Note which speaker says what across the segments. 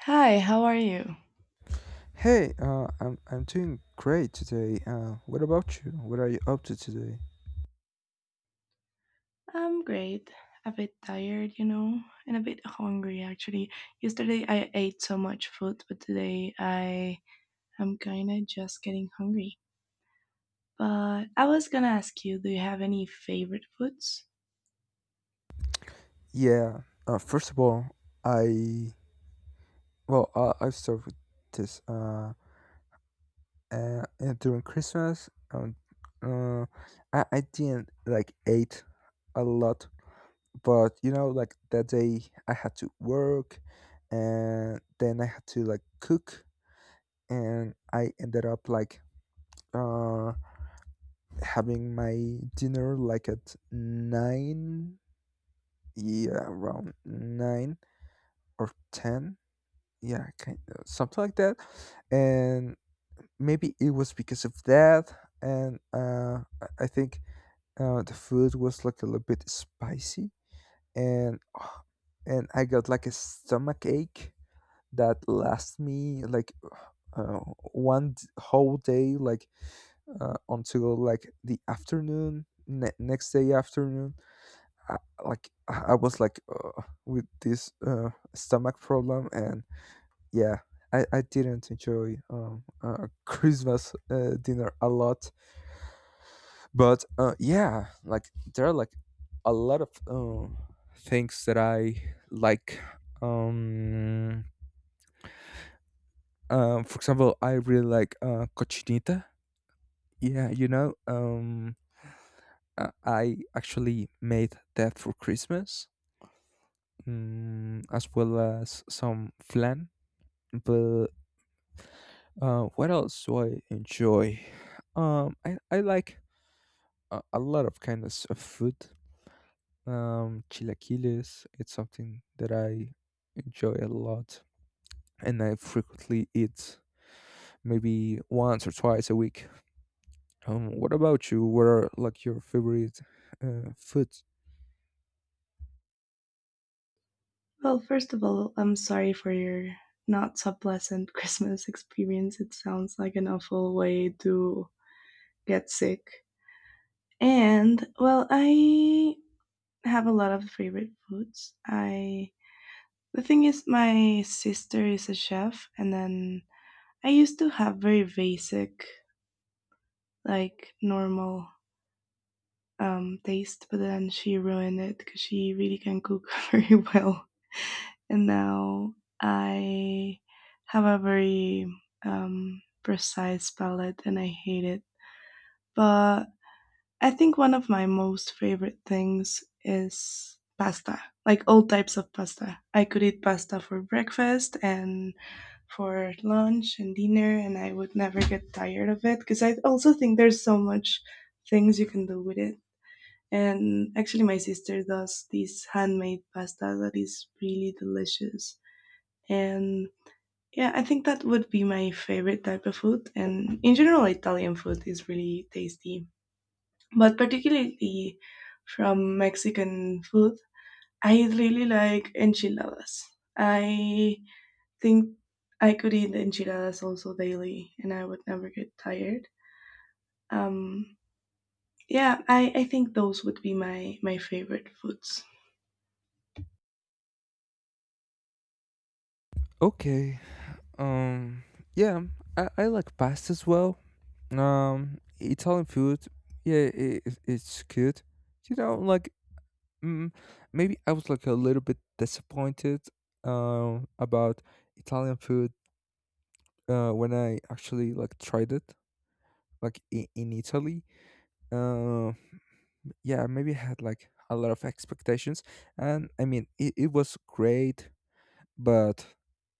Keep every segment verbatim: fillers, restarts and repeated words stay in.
Speaker 1: Hi, how are you?
Speaker 2: Hey, uh, I'm I'm doing great today. Uh, what about you? What are you up to today?
Speaker 1: I'm great. A bit tired, you know, and a bit hungry actually. Yesterday I ate so much food, but today I am kind of just getting hungry. But I was gonna ask you, do you have any favorite foods?
Speaker 2: Yeah. Uh, first of all, I well, uh, I start with this. Uh, uh, uh, during Christmas, um, uh, I I didn't like ate a lot, but you know, like that day I had to work, and then I had to like cook, and I ended up like uh having my dinner like at nine, yeah, around nine or ten, yeah, kind of something like that. And maybe it was because of that, and uh i I think uh the food was like a little bit spicy, and and I got like a stomach ache that lasted me like uh, one d- whole day, like, uh, until like the afternoon ne- next day afternoon. I, like I I was like, uh, with this uh, stomach problem, and yeah, I, I didn't enjoy um, uh, Christmas uh, dinner a lot. But uh, yeah, like there are like a lot of um, things that I like. Um, um, for example, I really like uh, cochinita. Yeah, you know, um, uh, I actually made that for Christmas, mm, as well as some flan. But uh, what else do I enjoy? Um, I, I like a, a lot of kinds of food. Um, Chilaquiles, it's something that I enjoy a lot, and I frequently eat maybe once or twice a week. Um, what about you? What are like your favorite uh, foods?
Speaker 1: Well, first of all, I'm sorry for your not so pleasant Christmas experience. It sounds like an awful way to get sick. And well, I have a lot of favorite foods. I The thing is, my sister is a chef, and then I used to have very basic, like normal um, taste, but then she ruined it because she really can cook very well. And now I have a very um, precise palate and I hate it. But I think one of my most favorite things is pasta, like all types of pasta. I could eat pasta for breakfast and for lunch and dinner, and I would never get tired of it because I also think there's so much things you can do with it. And actually, my sister does this handmade pasta that is really delicious. And yeah, I think that would be my favorite type of food. And in general, Italian food is really tasty, but particularly from Mexican food, I really like enchiladas. I think I could eat enchiladas also daily and I would never get tired. Um, yeah, I, I think those would be my, my favorite foods.
Speaker 2: Okay. Um, yeah, I, I like pasta as well. Um, Italian food, yeah, it, it's good. You know, like, Mm, maybe I was like a little bit disappointed um, about Italian food uh, when I actually like tried it, like in, in Italy. Uh, yeah, maybe I had like a lot of expectations, and I mean it, it was great, but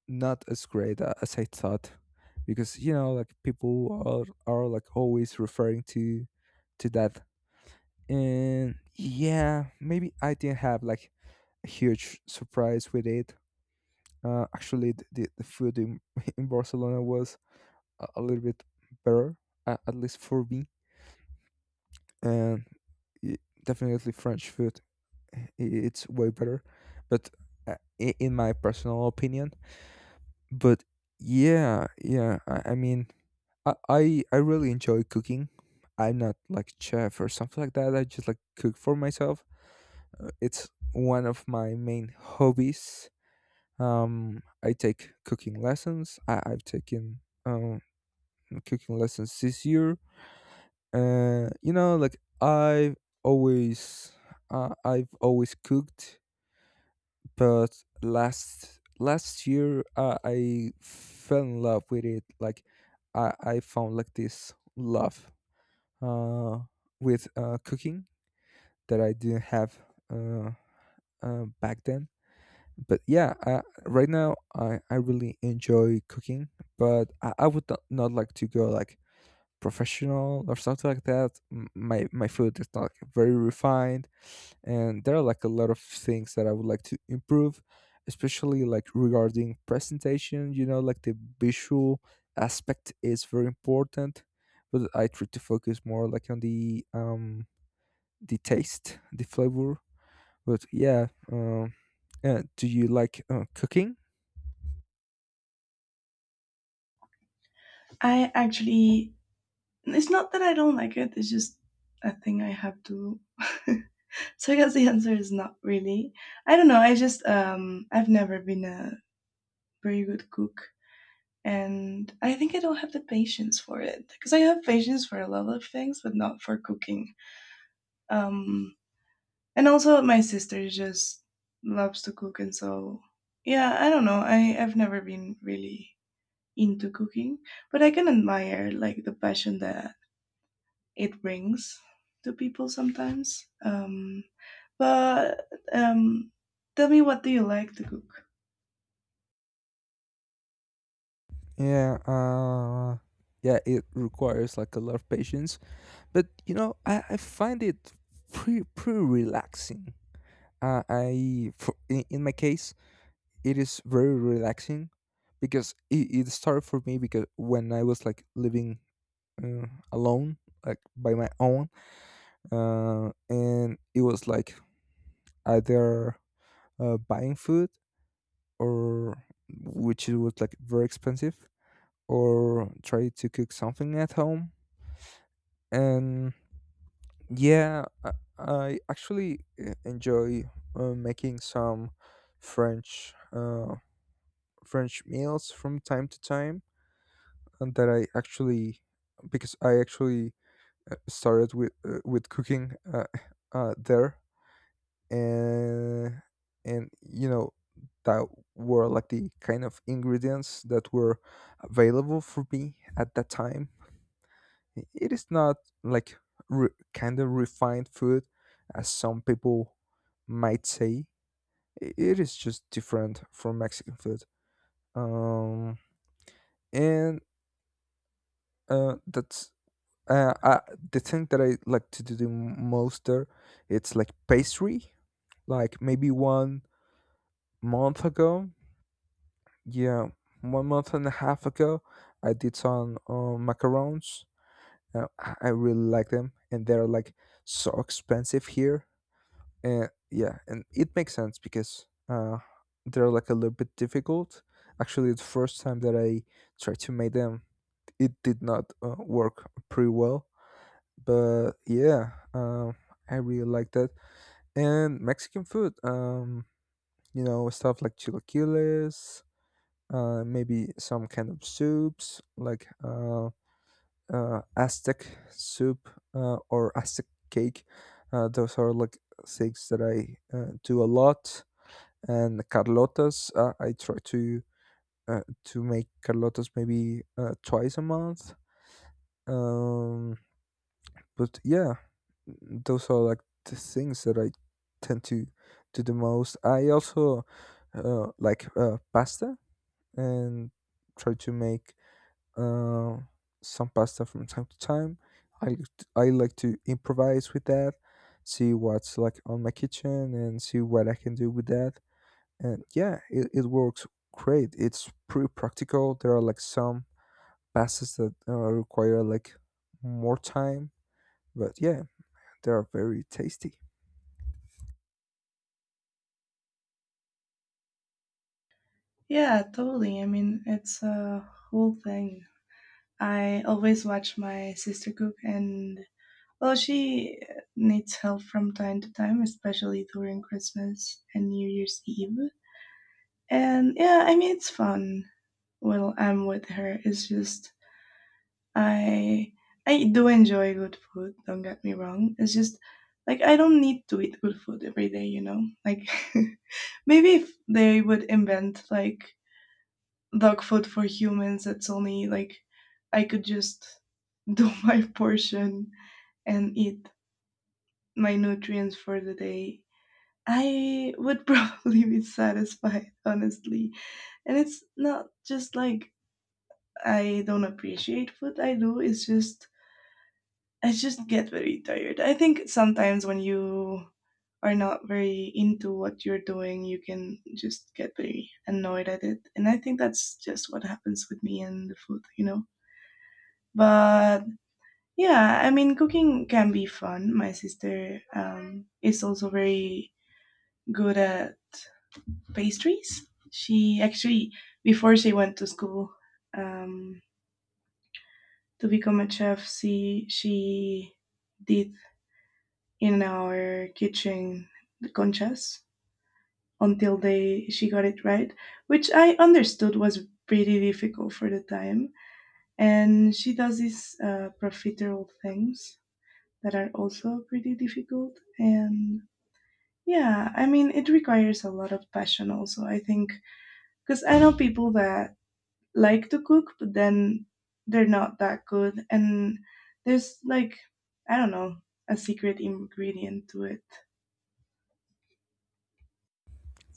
Speaker 2: not as great a- as I thought, because you know like people are are like always referring to to that, and yeah, maybe I didn't have like a huge surprise with it. Uh, actually, the, the, the food in, in Barcelona was a, a little bit better, uh, at least for me. And y- definitely, French food i- it's way better, but uh, i- in my personal opinion. But yeah, yeah. I, I mean, I, I I really enjoy cooking. I'm not like chef or something like that. I just like cook for myself. Uh, It's one of my main hobbies. Um, I take cooking lessons. I, I've taken um, cooking lessons this year. Uh, you know, like I've always, uh, I've always cooked, but last last year, uh, I fell in love with it. Like I, I found like this love, uh, with uh, cooking, that I didn't have uh, uh, back then, but yeah, uh, right now I, I really enjoy cooking, but I, I would not, not like to go like professional or something like that. M- my my food is not, like, very refined, and there are like a lot of things that I would like to improve, especially like regarding presentation. You know like, the visual aspect is very important, but I try to focus more like on the, um the taste, the flavor. But yeah, um uh, do you like uh, cooking?
Speaker 1: I actually, it's not that I don't like it, it's just a thing I have to. Do. So I guess the answer is not really. I don't know, I just, um, I've never been a very good cook. And I think I don't have the patience for it because I have patience for a lot of things, but not for cooking. Um, And also, my sister just loves to cook, and so yeah, I don't know. I I've never been really into cooking, but I can admire like the passion that it brings to people sometimes. Um, but um, Tell me, what do you like to cook?
Speaker 2: Yeah, uh, yeah, it requires like a lot of patience, but you know, I, I find it pretty pretty relaxing. Uh, I for, in, in my case, it is very relaxing, because it, it started for me because when I was like living, uh, alone, like by my own, uh, and it was like, either uh, buying food, or, which it was like very expensive, or try to cook something at home. And yeah, i, I actually uh, enjoy uh, making some french uh, French meals from time to time, and that I actually because I actually uh, started with uh, with cooking, uh, uh, there, and and you know that were like the kind of ingredients that were available for me at that time. It is not, like, re- kind of refined food, as some people might say. I- It is just different from Mexican food. Um, and uh, that's uh, uh, the thing that I like to do the most there. It's like pastry. Like maybe one month ago, yeah, one month and a half ago, I did some uh, macarons. Uh, I I really like them, and they're like so expensive here. And yeah, and it makes sense, because uh they're like a little bit difficult. Actually, the first time that I tried to make them, it did not uh, work pretty well. But yeah, um I really like that. And Mexican food, um you know stuff like chilaquiles, uh maybe some kind of soups, like, uh uh Aztec soup, uh or Aztec cake, uh those are like things that I uh, do a lot, and Carlota's. Uh, I try to uh, to make Carlota's maybe uh, twice a month. Um, but yeah, those are like the things that I tend to do the most. I also uh, like uh, pasta, and try to make uh, some pasta from time to time. I like t- I like to improvise with that, see what's like on my kitchen and see what I can do with that. And yeah, it, it works great. It's pretty practical. There are like some passes that uh, require like more time, but yeah, they are very tasty.
Speaker 1: Yeah, totally. I mean, it's a whole thing. I always watch my sister cook, and well, she needs help from time to time, especially during Christmas and New Year's Eve. And yeah, I mean it's fun when I'm with her. It's just I I do enjoy good food, don't get me wrong. It's just like I don't need to eat good food every day, you know? Like maybe if they would invent like dog food for humans that's only like I could just do my portion and eat my nutrients for the day I would probably be satisfied, honestly. And it's not just like I don't appreciate what I do, it's just I just get very tired. I think sometimes when you are not very into what you're doing, you can just get very annoyed at it. And I think that's just what happens with me and the food, you know? But yeah, I mean, cooking can be fun. My sister um, is also very good at pastries. She actually, before she went to school, um, to become a chef, she, she did in our kitchen the conchas until they she got it right, which I understood was pretty difficult for the time. And she does these uh, profiterole things that are also pretty difficult. And yeah, I mean, it requires a lot of passion also, I think, because I know people that like to cook, but then they're not that good. And there's like, I don't know, a secret ingredient to it.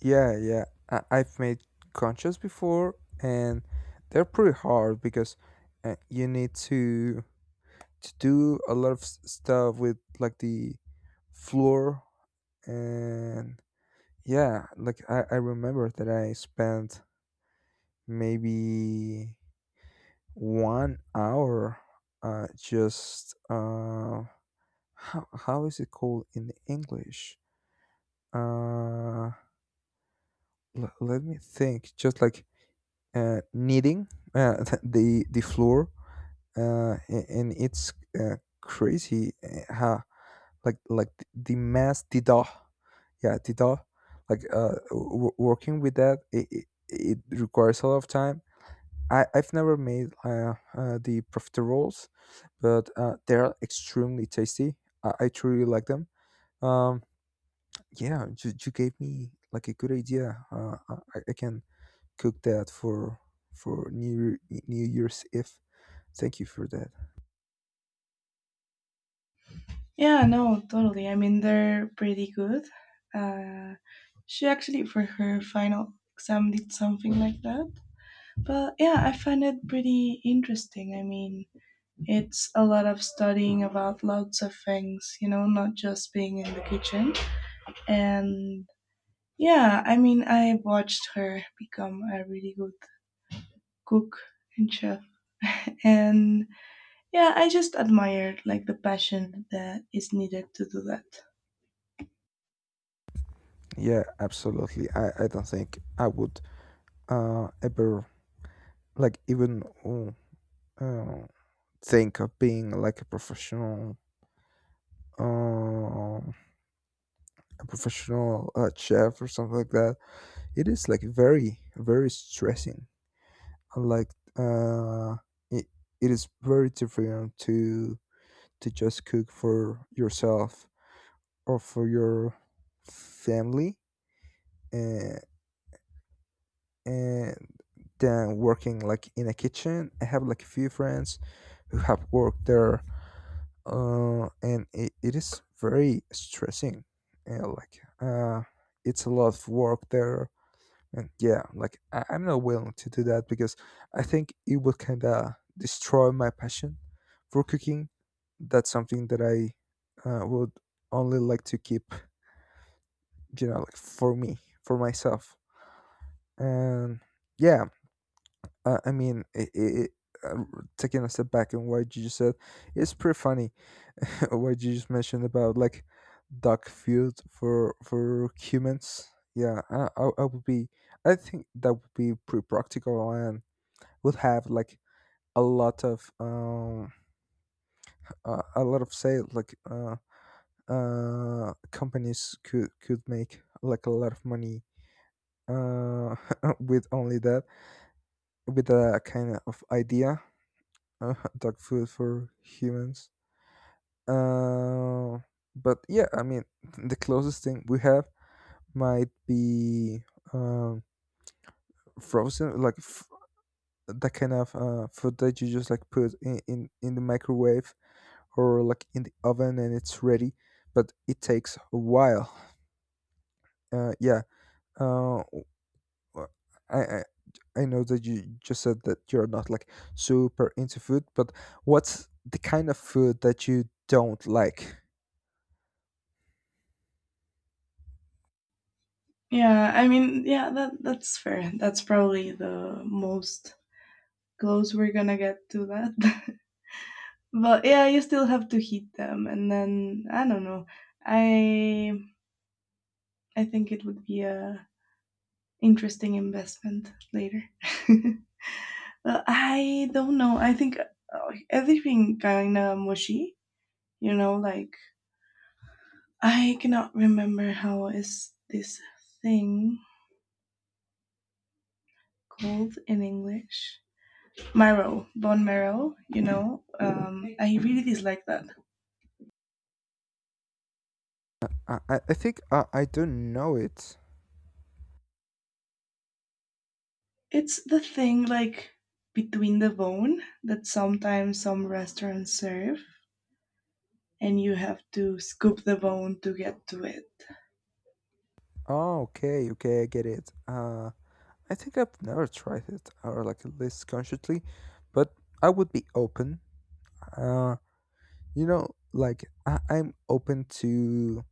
Speaker 2: Yeah, yeah. I- i've made conchas before, and they're pretty hard because uh, you need to to do a lot of s- stuff with like the floor. And yeah, like, I, I remember that I spent maybe one hour, uh, just, uh, how, how is it called in English? uh, l- Let me think, just, like, uh, kneading, uh, the the floor. Uh, a- and it's uh, crazy, uh, how, like like th- the mass dida, yeah, dida, like, uh, w- working with that, it, it, it requires a lot of time. I, I've never made uh, uh, the profiteroles, but uh, they're extremely tasty. I, I truly like them. Um, yeah, you, you gave me like a good idea. Uh, I, I can cook that for for New Year- New Year's Eve. Thank you for that.
Speaker 1: Yeah, no, totally. I mean, they're pretty good. Uh, she actually, for her final exam, did something like that. But yeah, I find it pretty interesting. I mean, it's a lot of studying about lots of things, you know, not just being in the kitchen. And yeah, I mean, I watched her become a really good cook and chef. And yeah, I just admired like the passion that is needed to do that.
Speaker 2: Yeah, absolutely. I, I don't think I would uh, ever, like, even uh, uh, think of being like a professional um, a professional uh, chef or something like that. It is like very, very stressing. And like, uh, it, it is very different to to just cook for yourself or for your family, uh, and than working like in a kitchen. I have like a few friends who have worked there, uh, and it, it is very stressing. Yeah, like, uh, it's a lot of work there. And yeah, like, I- I'm not willing to do that, because I think it would kind of destroy my passion for cooking. That's something that I uh, would only like to keep, you know, like, for me, for myself. And yeah, uh, I mean, it, it, uh, r- taking a step back and what you just said, it's pretty funny, what you just mentioned about like dog food for for humans. Yeah, I, I, I would be, I think that would be pretty practical, and would have like a lot of um uh, a lot of sales, like, uh uh companies could could make like a lot of money, uh with only that, with a kind of idea, uh, dog food for humans. uh but yeah, I mean, the closest thing we have might be, um frozen, like, f- that kind of uh, food that you just like put in, in in the microwave, or like in the oven, and it's ready, but it takes a while. Uh, yeah. Uh, w- I, I I know that you just said that you're not like super into food, but what's the kind of food that you don't like?
Speaker 1: Yeah, I mean, yeah, that that's fair. That's probably the most close we're gonna get to that. But yeah, you still have to heat them, and then I don't know. I I think it would be a interesting investment later. Well, I don't know. I think uh, everything kind of mushy. You know, like I cannot remember how is this thing called in English. Marrow, bone marrow. You know, um, I really dislike that.
Speaker 2: I I, I think I I don't know it.
Speaker 1: It's the thing like between the bone that sometimes some restaurants serve and you have to scoop the bone to get to it.
Speaker 2: Oh, okay, okay, I get it. Uh, I think I've never tried it, or like at least consciously, but I would be open. Uh, you know, like, I, I'm open to,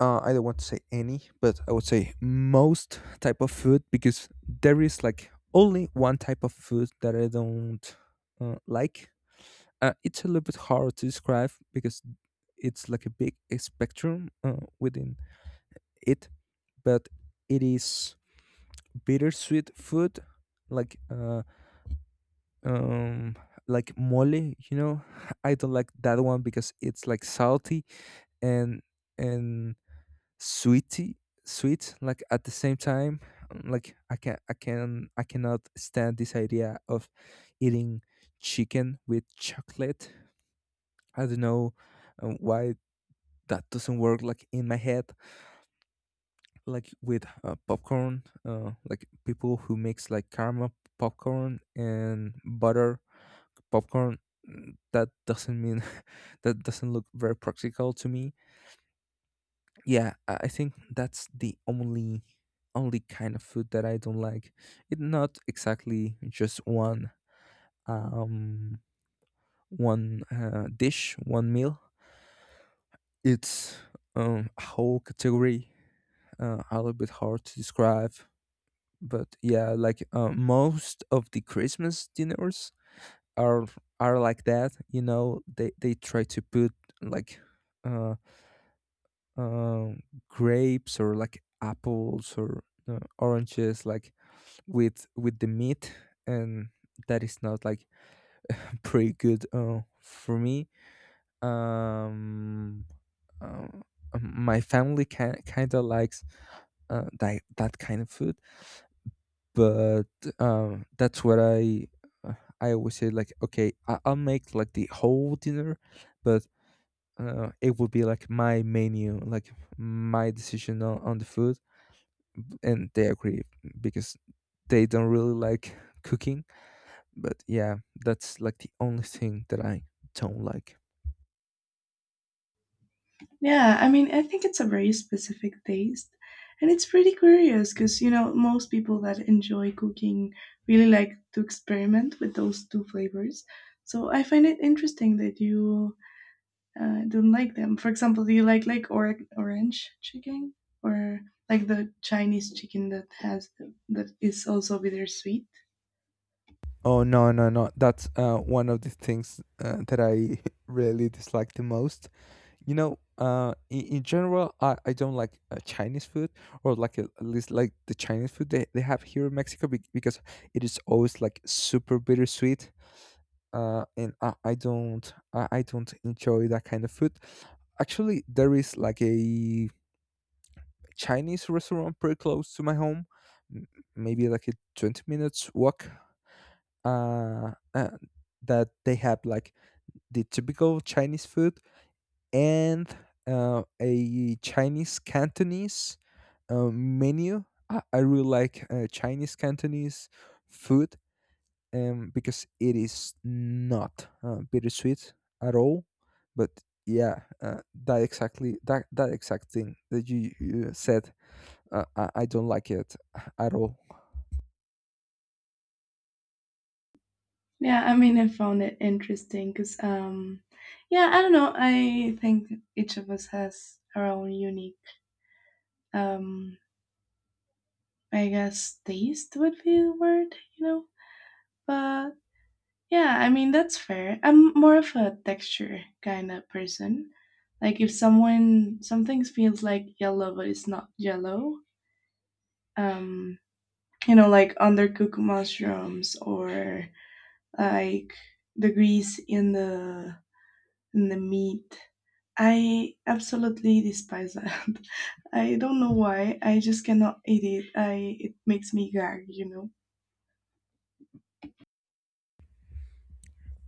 Speaker 2: uh, I don't want to say any, but I would say most type of food, because there is like only one type of food that I don't uh, like. Uh, it's a little bit hard to describe because it's like a big spectrum uh, within it, but it is bittersweet food, like, uh, um, like mole. You know, I don't like that one because it's like salty and and sweety sweet like at the same time, um, like i can i can i cannot stand this idea of eating chicken with chocolate. I don't know um, why. That doesn't work like in my head, like with uh, popcorn, uh, like people who makes like caramel popcorn and butter popcorn. Mm, that doesn't mean that doesn't look very practical to me. Yeah, i I think that's the only only kind of food that I don't like. It's not exactly just one um one uh, dish, one meal. It's um a whole category, uh, a little bit hard to describe. But yeah, like uh, most of the Christmas dinners are are like that. You know, they they try to put like uh um grapes or like apples or uh, oranges, like with with the meat. And that is not like pretty good uh, for me. um, uh, um my family can, kind of likes uh, that, that kind of food, but um that's what i uh, i always say, like, okay, I, I'll make like the whole dinner, but uh, it would be like my menu, like my decision on, on the food, and they agree, because they don't really like cooking. But yeah, that's like the only thing that I don't like.
Speaker 1: Yeah, I mean, I think it's a very specific taste. And it's pretty curious because, you know, most people that enjoy cooking really like to experiment with those two flavors. So I find it interesting that you uh, I don't like them. For example, do you like like or- orange chicken or like the Chinese chicken that has that is also bittersweet?
Speaker 2: Oh no, no, no! That's uh, one of the things uh, that I really dislike the most. You know, uh, in, in general, I, I don't like uh, Chinese food, or like at least like the Chinese food they, they have here in Mexico be- because it is always like super bittersweet. Uh, and I, I don't I, I don't enjoy that kind of food. Actually, there is like a Chinese restaurant pretty close to my home, m- maybe like a twenty minutes walk. Uh, uh, that they have like the typical Chinese food, and uh, a Chinese Cantonese uh, menu. I, I really like uh, Chinese Cantonese food, um, because it is not uh, bittersweet at all. But yeah, uh, that exactly that that exact thing that you, you said, uh, I, I don't like it at all.
Speaker 1: Yeah, I mean, I found it interesting because, um, yeah, I don't know. I think each of us has our own unique um, I guess taste would be the word, you know? But yeah, I mean, that's fair. I'm more of a texture kind of person. Like if someone, something feels like yellow but it's not yellow, um, you know, like undercooked mushrooms or like the grease in the in the meat. I absolutely despise that. I don't know why. I just cannot eat it. I it makes me gag, you know.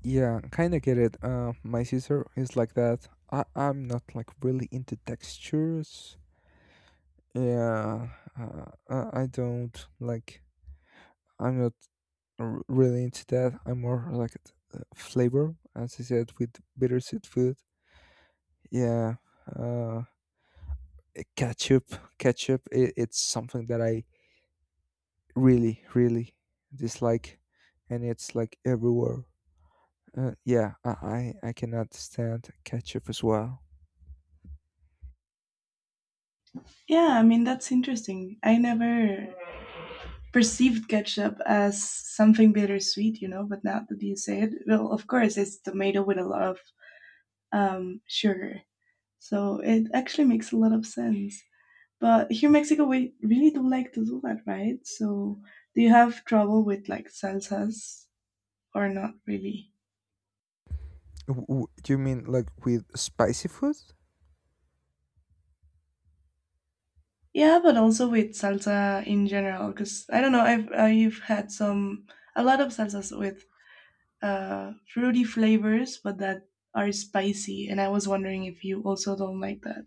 Speaker 2: Yeah, kind of get it. Uh, my sister is like that. I, I'm not like really into textures, yeah. uh, i I don't like, I'm not r- really into that. I'm more like uh, flavor, as I said, with bittersweet food. Yeah. uh, eh, Ketchup, ketchup, it, it's something that I really, really dislike, and it's like everywhere. Uh, yeah, I, I I cannot stand ketchup as well.
Speaker 1: Yeah, I mean that's interesting. I never perceived ketchup as something bittersweet, you know. But now that you say it, well, of course it's tomato with a lot of um, sugar, so it actually makes a lot of sense. But here in Mexico, we really do like to do that, right? So, do you have trouble with like salsas or not really?
Speaker 2: W- w- do you mean like with spicy food?
Speaker 1: Yeah, but also with salsa in general, because I don't know, I've I've had some a lot of salsas with uh, fruity flavors, but that are spicy, and I was wondering if you also don't like that.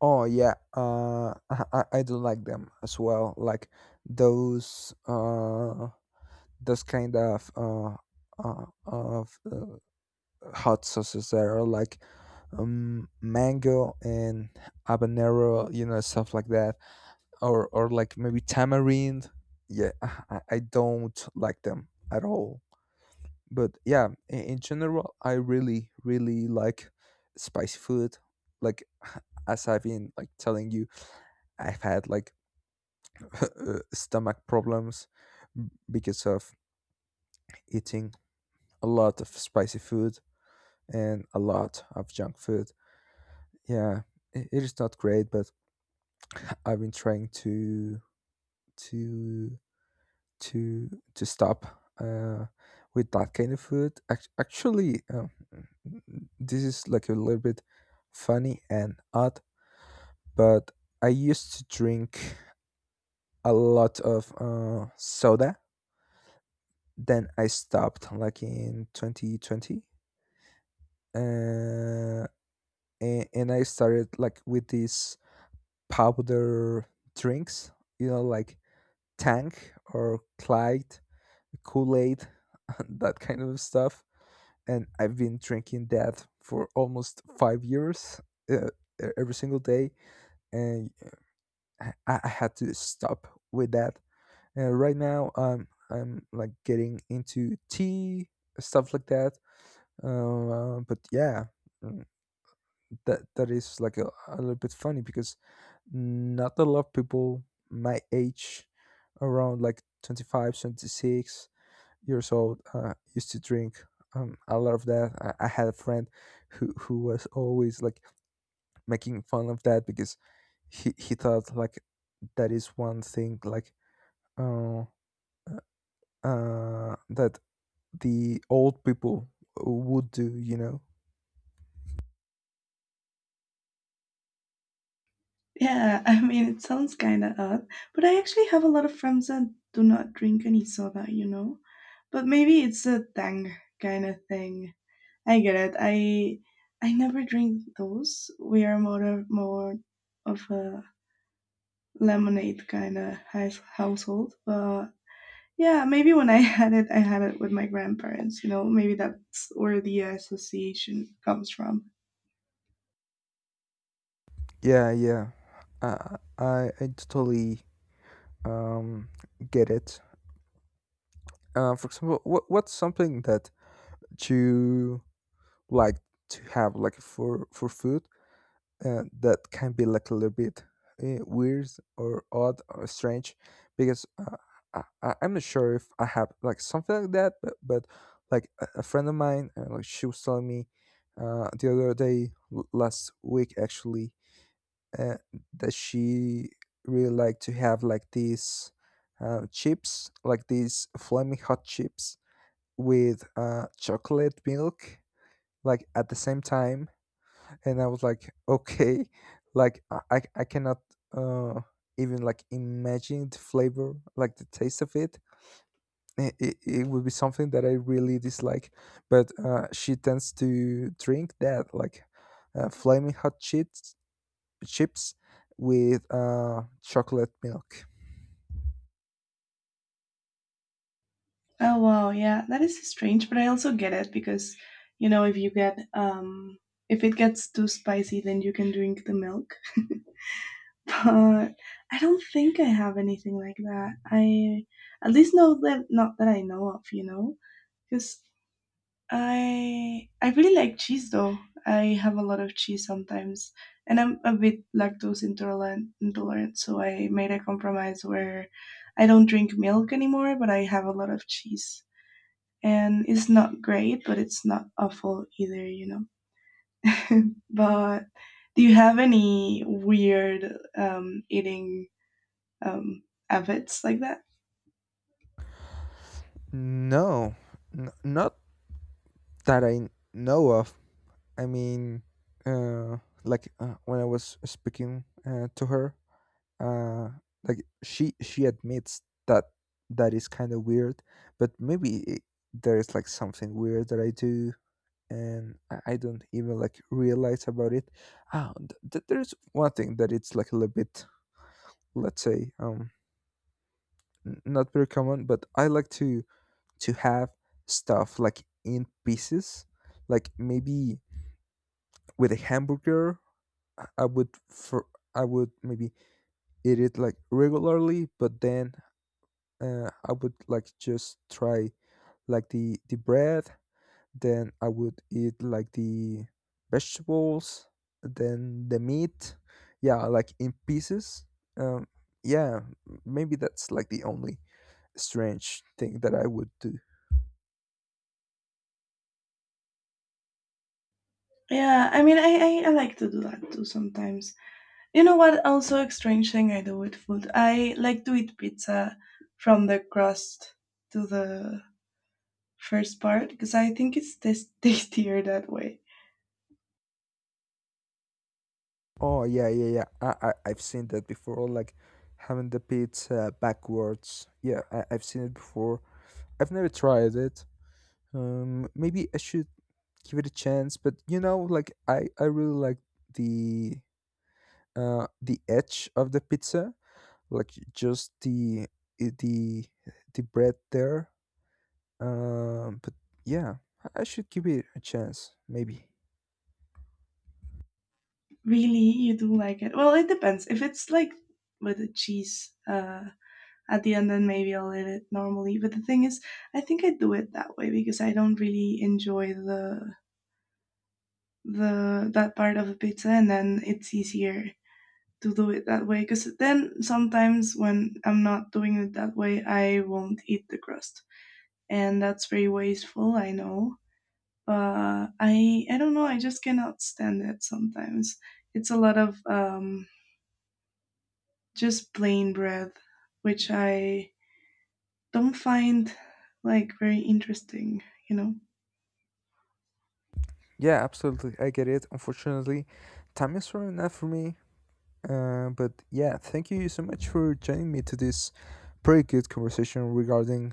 Speaker 2: Oh yeah, uh, I I I do like them as well. Like those uh those kind of uh, uh of uh, hot sauces that are like um mango and habanero, you know, stuff like that, or or like maybe tamarind. Yeah, I I I don't like them at all. But yeah, in, in general, I really, really like spicy food. Like, as I've been like telling you, I've had like uh, stomach problems, m- because of eating a lot of spicy food and a lot of junk food. Yeah, I- it is not great, but I've been trying to to to to stop uh, with that kind of food. Act- Actually, um, this is like a little bit funny and odd, but I used to drink a lot of uh, soda. Then I stopped like in twenty twenty, uh, and, and I started like with these powder drinks, you know, like Tank or Clyde, Kool Aid, that kind of stuff, and I've been drinking that for almost five years, uh, e- every single day, and I, I had to stop with that. And right now, I'm I'm like getting into tea, stuff like that. Uh, but yeah, mm, that that is like a, a little bit funny because not a lot of people my age, around like twenty five, twenty six years old uh, used to drink um, a lot of that. I, I had a friend who who was always like making fun of that, because he he thought like that is one thing like uh, uh that the old people would do. You know?
Speaker 1: Yeah, I mean, it sounds kind of odd, but I actually have a lot of friends that do not drink any soda, you know? But maybe it's a thing kind of thing. I get it. I I never drink those. We are more of, more of a lemonade kind of house, household, but yeah, maybe when I had it, I had it with my grandparents. You know, maybe that's where the association comes from.
Speaker 2: Yeah, yeah. Uh, I I totally um get it. Uh, for example, what what's something that you like to have like for for food uh, that can be like a little bit uh, weird or odd or strange? Because uh, I, I- I'm not sure if I have like something like that, but but like a, a friend of mine, uh, like she was telling me uh, the other day, l- last week actually, uh, that she really liked to have like these uh, chips, like these flaming hot chips with uh, chocolate milk, like at the same time. And I was like, okay, like i i I cannot uh even like imagine the flavor, like the taste of it. it, it, it would be something that I really dislike. But uh she tends to drink that like uh, flaming hot chips, chips with uh chocolate milk.
Speaker 1: Oh wow, yeah, that is strange, but I also get it because, you know, if you get um, if it gets too spicy, then you can drink the milk. But I don't think I have anything like that. I at least know that not that I know of, you know, because I I really like cheese though. I have a lot of cheese sometimes, and I'm a bit lactose intolerant, intolerant. So I made a compromise where I don't drink milk anymore, but I have a lot of cheese, and it's not great, but it's not awful either, you know. But do you have any weird um, eating um, efforts like that.
Speaker 2: No, n- not that I know of. I mean, uh, like uh, when I was speaking uh, to her, uh, like she she admits that that is kind of weird, but maybe it, there is like something weird that I do, and I, I don't even like realize about it. Ah, th- th- there's one thing that it's like a little bit, let's say, um, n- not very common, but I like to to have stuff like in pieces, like maybe with a hamburger. I I would for I would maybe eat it like regularly, but then uh, I would like just try like the the bread. Then I would eat like the vegetables, then the meat. Yeah, like in pieces. Um, yeah, maybe that's like the only strange thing that I would do.
Speaker 1: Yeah, I mean, I, I, I like to do that too sometimes. You know what? Also, a strange thing I do with food. I like to eat pizza from the crust to the first part because I think it's tas tastier that way.
Speaker 2: Oh yeah, yeah, yeah. I, I I've seen that before. Like having the pizza backwards. Yeah, I, I've seen it before. I've never tried it. Um, maybe I should give it a chance, but you know, like I, I really like the uh the edge of the pizza, like just the i- the the bread there. Um, but yeah, I I should give it a chance, maybe.
Speaker 1: Really, you do like it. Well, it depends. If it's like with the cheese uh, at the end, then maybe I'll eat it normally. But the thing is, I think I do it that way because I don't really enjoy the the that part of the pizza, and then it's easier to do it that way. Because then sometimes when I'm not doing it that way, I won't eat the crust, and that's very wasteful. I know, but I I don't know. I just cannot stand it sometimes. It's a lot of um, just plain bread, which I don't find like very interesting, you know?
Speaker 2: Yeah, absolutely. I get it. Unfortunately, time is running out for me. Uh, but yeah, thank you so much for joining me to this pretty good conversation regarding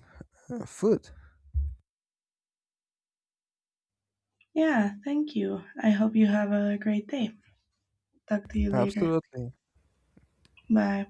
Speaker 2: uh, food.
Speaker 1: Yeah, thank you. I hope you have a great day. Talk to you later.
Speaker 2: Absolutely.
Speaker 1: Bye.